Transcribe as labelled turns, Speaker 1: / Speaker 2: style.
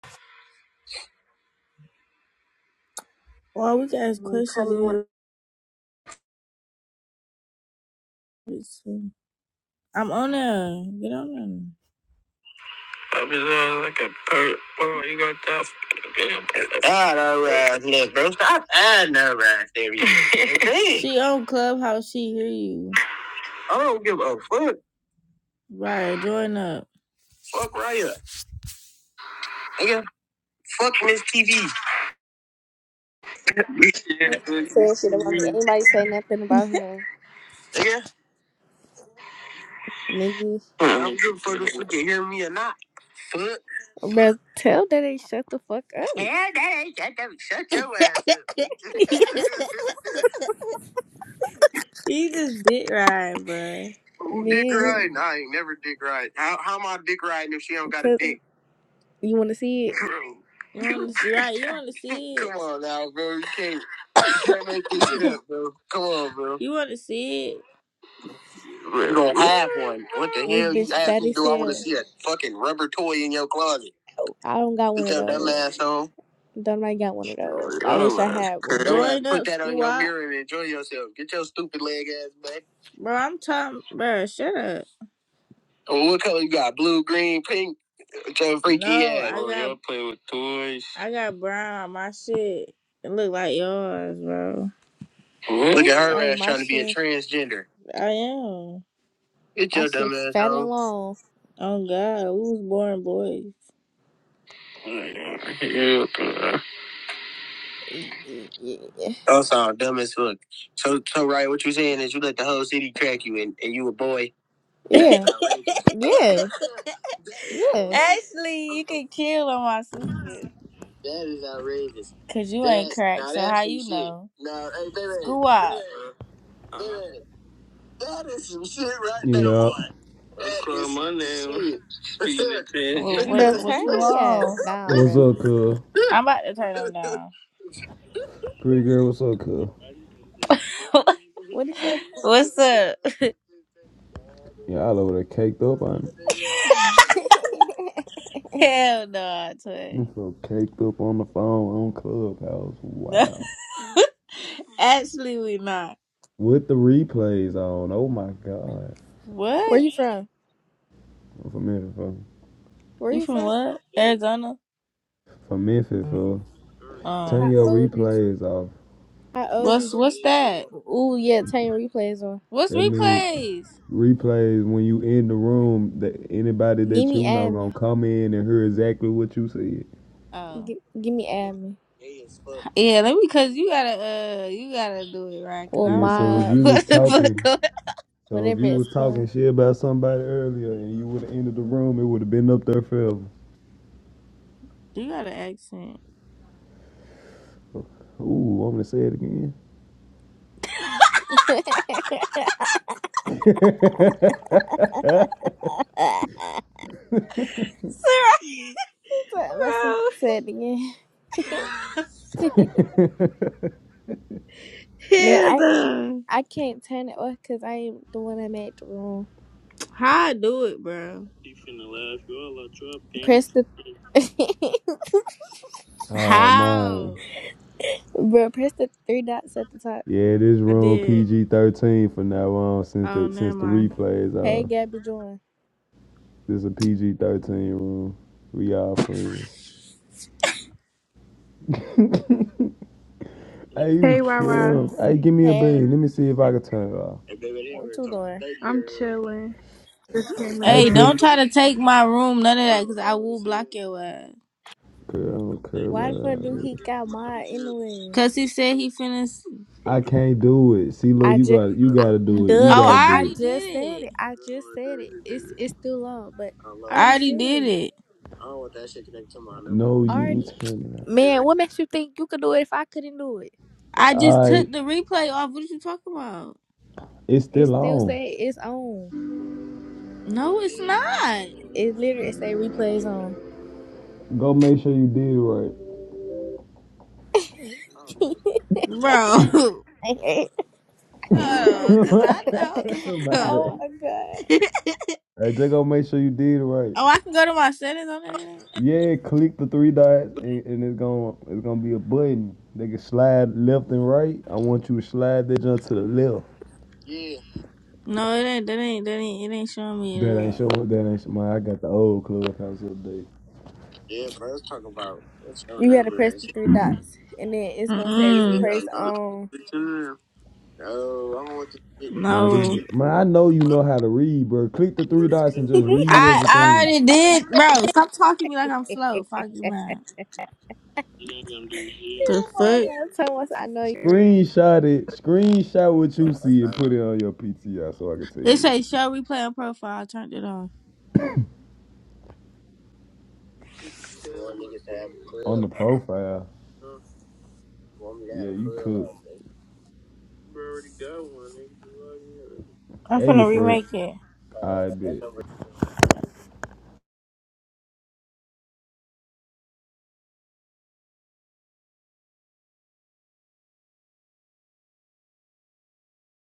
Speaker 1: Well, we can ask Mm, questions if me want I'm on there. Get on there. I'm just like a perk. Bro, you got that. fucking God, all right, look, bro. Stop adding all right there. You there. Hey, She on Clubhouse. She hear you. I don't give a fuck. Right. Join up. Fuck Raya. Nigga, fuck Miss TV.
Speaker 2: They stop saying shit about me. Ain't nobody say nothing about him,
Speaker 1: Nigga,
Speaker 2: nigga.
Speaker 1: I don't give a fuck if you can hear me or not. Fuck.
Speaker 2: But tell that they shut the fuck up,
Speaker 1: Yeah, that ain't that. that- Shut your ass up. You just dick ride, bruh. Who dick
Speaker 2: man.
Speaker 1: riding? I ain't never dick riding. How how am I dick riding if she don't got a
Speaker 2: Cause
Speaker 1: dick?
Speaker 2: you want to see it.
Speaker 1: Bro. You want to right? You want to see it? Come on now, bro. You can't you can't make this shit up, bro. Come on, bro. You want to see it? You don't have one. What the
Speaker 2: This
Speaker 1: hell? You
Speaker 2: bitch
Speaker 1: asked
Speaker 2: fat
Speaker 1: me,
Speaker 2: as
Speaker 1: do I want to
Speaker 2: hell.
Speaker 1: see a fucking rubber toy in your closet?
Speaker 2: I don't got one
Speaker 1: Put
Speaker 2: of
Speaker 1: your dumb
Speaker 2: those.
Speaker 1: ass on.
Speaker 2: Don't I got one of
Speaker 1: Oh,
Speaker 2: those? I wish I
Speaker 1: man.
Speaker 2: had
Speaker 1: Your ass,
Speaker 2: one.
Speaker 1: put that on your squat. mirror and enjoy yourself. Get your stupid leg ass back. Bro, I'm talking, bro, shut up. Oh, what color you got? Blue, green, pink? With your freaky no, ass. I Oh, got, you play with toys. I got brown. My shit. It look like yours, bro. Mm-hmm. Look at her
Speaker 2: Right,
Speaker 1: ass
Speaker 2: my
Speaker 1: trying to be a
Speaker 2: shit,
Speaker 1: transgender. I am. Get
Speaker 2: my
Speaker 1: your
Speaker 2: shit
Speaker 1: dumb ass
Speaker 2: fat and
Speaker 1: home.
Speaker 2: long.
Speaker 1: Oh God, we was born boys. Yeah, bro.
Speaker 2: Yeah,
Speaker 1: I'm sorry, dumb as fuck. So, so right, what you saying is you let the whole city crack you, and, and you a boy. That is
Speaker 2: yeah,
Speaker 1: outrageous.
Speaker 2: yeah.
Speaker 1: that is outrageous. Ashley, you can kill on my sister. That is outrageous. Cause you ain't That's cracked, now so that's how some you shit. know? Now, hey, baby, School up. baby, that is some shit right there,
Speaker 3: Yeah.
Speaker 1: boy. What,
Speaker 2: Bro,
Speaker 1: what, what
Speaker 2: turn
Speaker 1: you
Speaker 2: that ass
Speaker 1: want?
Speaker 2: down,
Speaker 3: What's
Speaker 2: bro.
Speaker 3: up, cuz?
Speaker 1: I'm about to turn them down.
Speaker 3: Pretty girl, what's up, cuz?
Speaker 2: What he say?
Speaker 1: What's up?
Speaker 3: Yeah, all over there caked up on
Speaker 1: Hell no,
Speaker 3: it.
Speaker 1: twin.
Speaker 3: I'm so caked up on the phone on Clubhouse.
Speaker 1: No.
Speaker 3: Wow.
Speaker 1: Actually, we not.
Speaker 3: With the replays on. Oh my god.
Speaker 2: Where
Speaker 1: What?
Speaker 2: you from?
Speaker 3: i From Memphis, fool.
Speaker 2: Where
Speaker 1: You
Speaker 2: you
Speaker 1: from
Speaker 2: from?
Speaker 1: what? Arizona?
Speaker 3: From Memphis, fool.
Speaker 1: Um.
Speaker 2: How
Speaker 3: Turn your
Speaker 2: old is?
Speaker 3: replays off.
Speaker 2: How old is
Speaker 1: What's
Speaker 2: you?
Speaker 1: what's that?
Speaker 2: Ooh, yeah, turn your replays on.
Speaker 1: What's
Speaker 3: That mean
Speaker 1: replays?
Speaker 3: replays when you in the room that anybody
Speaker 2: Give
Speaker 3: that
Speaker 2: me
Speaker 3: you know gonna
Speaker 2: admin.
Speaker 3: come in and hear exactly what you said.
Speaker 1: Oh.
Speaker 2: Give, give me admin.
Speaker 1: Yeah, let me cause you gotta uh you gotta do it right cause
Speaker 2: Or
Speaker 1: I
Speaker 3: Yeah,
Speaker 1: don't
Speaker 3: so
Speaker 1: know
Speaker 3: if
Speaker 2: mob.
Speaker 3: you was
Speaker 1: what the fuck
Speaker 3: talking
Speaker 1: going
Speaker 3: So if
Speaker 2: Whatever
Speaker 3: you
Speaker 2: it's
Speaker 3: was
Speaker 2: called.
Speaker 3: talking shit about somebody earlier and you would have entered the room, it would have been up there forever.
Speaker 1: You got an accent.
Speaker 3: Ooh, I'm gonna say it again.
Speaker 1: Sarah
Speaker 2: What I must have
Speaker 1: Bro
Speaker 2: said it again. Man,
Speaker 1: Hell
Speaker 2: I,
Speaker 1: no.
Speaker 2: I can't turn it off because I am the one that made the room.
Speaker 1: How I do it, bro.
Speaker 2: Press the
Speaker 3: oh
Speaker 1: How?
Speaker 3: man.
Speaker 2: bro, press the three dots at the top.
Speaker 3: Yeah, this
Speaker 1: I
Speaker 3: room
Speaker 1: did.
Speaker 3: PG thirteen for now on since
Speaker 1: Oh
Speaker 3: the
Speaker 1: never
Speaker 3: since the
Speaker 1: mind.
Speaker 3: replays
Speaker 2: Hey,
Speaker 3: uh
Speaker 2: Gabby Join.
Speaker 3: this a PG thirteen room. We all friends. Hey you
Speaker 4: Hey, Rara.
Speaker 3: trim. Hey, give me a
Speaker 2: Hey,
Speaker 3: bean. Let me see if I can turn it off.
Speaker 1: And baby, they over
Speaker 2: what
Speaker 1: here
Speaker 2: you
Speaker 1: talking
Speaker 2: doing?
Speaker 1: thirty
Speaker 4: I'm
Speaker 1: year old.
Speaker 4: chilling. Just came in
Speaker 3: Hey
Speaker 1: Hey,
Speaker 4: the house.
Speaker 3: put it
Speaker 1: don't try to take my room, none of that, because I will block your ass.
Speaker 3: Girl, I don't care
Speaker 2: Why the
Speaker 3: about
Speaker 2: fuck
Speaker 3: all
Speaker 2: do he
Speaker 3: that.
Speaker 2: got mine anyway?
Speaker 1: Because he said he finna. s- I
Speaker 3: I can't do it. See
Speaker 1: don't
Speaker 3: look,
Speaker 2: I
Speaker 3: you
Speaker 1: even
Speaker 2: just,
Speaker 1: talk
Speaker 3: gotta you
Speaker 2: I,
Speaker 1: about
Speaker 3: gotta
Speaker 1: it.
Speaker 3: do it. You
Speaker 2: duh,
Speaker 1: Oh,
Speaker 2: cause
Speaker 3: gotta
Speaker 1: I
Speaker 2: I
Speaker 3: do it.
Speaker 1: already did
Speaker 2: just said
Speaker 1: it.
Speaker 2: it. I
Speaker 1: I don't
Speaker 2: just
Speaker 1: wanna
Speaker 2: said
Speaker 1: do
Speaker 2: it. It's
Speaker 1: it.
Speaker 2: it's too long, but
Speaker 1: I don't love
Speaker 2: I
Speaker 1: I that
Speaker 2: already
Speaker 1: already shit.
Speaker 2: said
Speaker 1: did
Speaker 2: it.
Speaker 1: it. I don't want that shit connected to my number.
Speaker 3: No, you
Speaker 2: Already,
Speaker 3: ain't turning it off.
Speaker 2: man. What makes you think you could do it if I couldn't do it?
Speaker 1: I just
Speaker 3: All right,
Speaker 1: took the replay off. What you talking about?
Speaker 3: it's
Speaker 2: It
Speaker 3: still
Speaker 2: still
Speaker 3: on.
Speaker 2: say it's on.
Speaker 1: No, it's not. I
Speaker 2: It literally say replays on.
Speaker 3: Go make sure you did
Speaker 1: don't know. Bro.
Speaker 3: it
Speaker 1: Because I know what
Speaker 3: right.
Speaker 1: the fuck
Speaker 3: My bad.
Speaker 1: up.
Speaker 2: oh my god!
Speaker 1: oh,
Speaker 3: Hey, just go make sure you did it right.
Speaker 1: I can go to my settings on that thing.
Speaker 3: Yeah, click the three dots, and, and it's gonna it's gonna be a button. They can slide left and right. I want you to slide that jump to the left.
Speaker 1: Yeah. No, it ain't. That ain't. That ain't. It ain't showing me
Speaker 3: That
Speaker 1: it.
Speaker 3: ain't
Speaker 1: Up.
Speaker 3: showing. That ain't show. Man, I got the old clubhouse update.
Speaker 1: Yeah, bro. Let's talk about. Let's show
Speaker 2: You gotta
Speaker 1: never
Speaker 2: press
Speaker 1: is.
Speaker 2: the three dots, and then it's gonna say
Speaker 1: Mm. Yeah,
Speaker 2: replays
Speaker 1: nah.
Speaker 2: on.
Speaker 1: Mm. No, I don't want to. get-
Speaker 3: Man, this
Speaker 1: No.
Speaker 3: man, I know you know how to read, bro. Click the three dots and just read
Speaker 1: I I
Speaker 3: everything.
Speaker 1: already did, bro. Stop talking to me like I'm slow. Fuck you, man. You ain't gonna do shit. The
Speaker 2: oh my
Speaker 1: fuck?
Speaker 2: god! So much I know you.
Speaker 3: Screenshot it. Screenshot what
Speaker 1: Oh,
Speaker 3: you
Speaker 1: that's
Speaker 3: see and
Speaker 1: not
Speaker 3: put
Speaker 1: on.
Speaker 3: it on your PTI so I can tell
Speaker 1: It
Speaker 3: you what.
Speaker 1: say show replay on profile. I turned it off. You want niggas to have a
Speaker 3: On the
Speaker 1: club.
Speaker 3: profile.
Speaker 1: You want me to have
Speaker 3: Yeah,
Speaker 1: a
Speaker 3: you
Speaker 1: club
Speaker 3: cook.
Speaker 1: out there. I'm
Speaker 3: And your
Speaker 1: finna
Speaker 3: friend.
Speaker 1: remake it.
Speaker 3: I
Speaker 1: Hello.
Speaker 3: bet.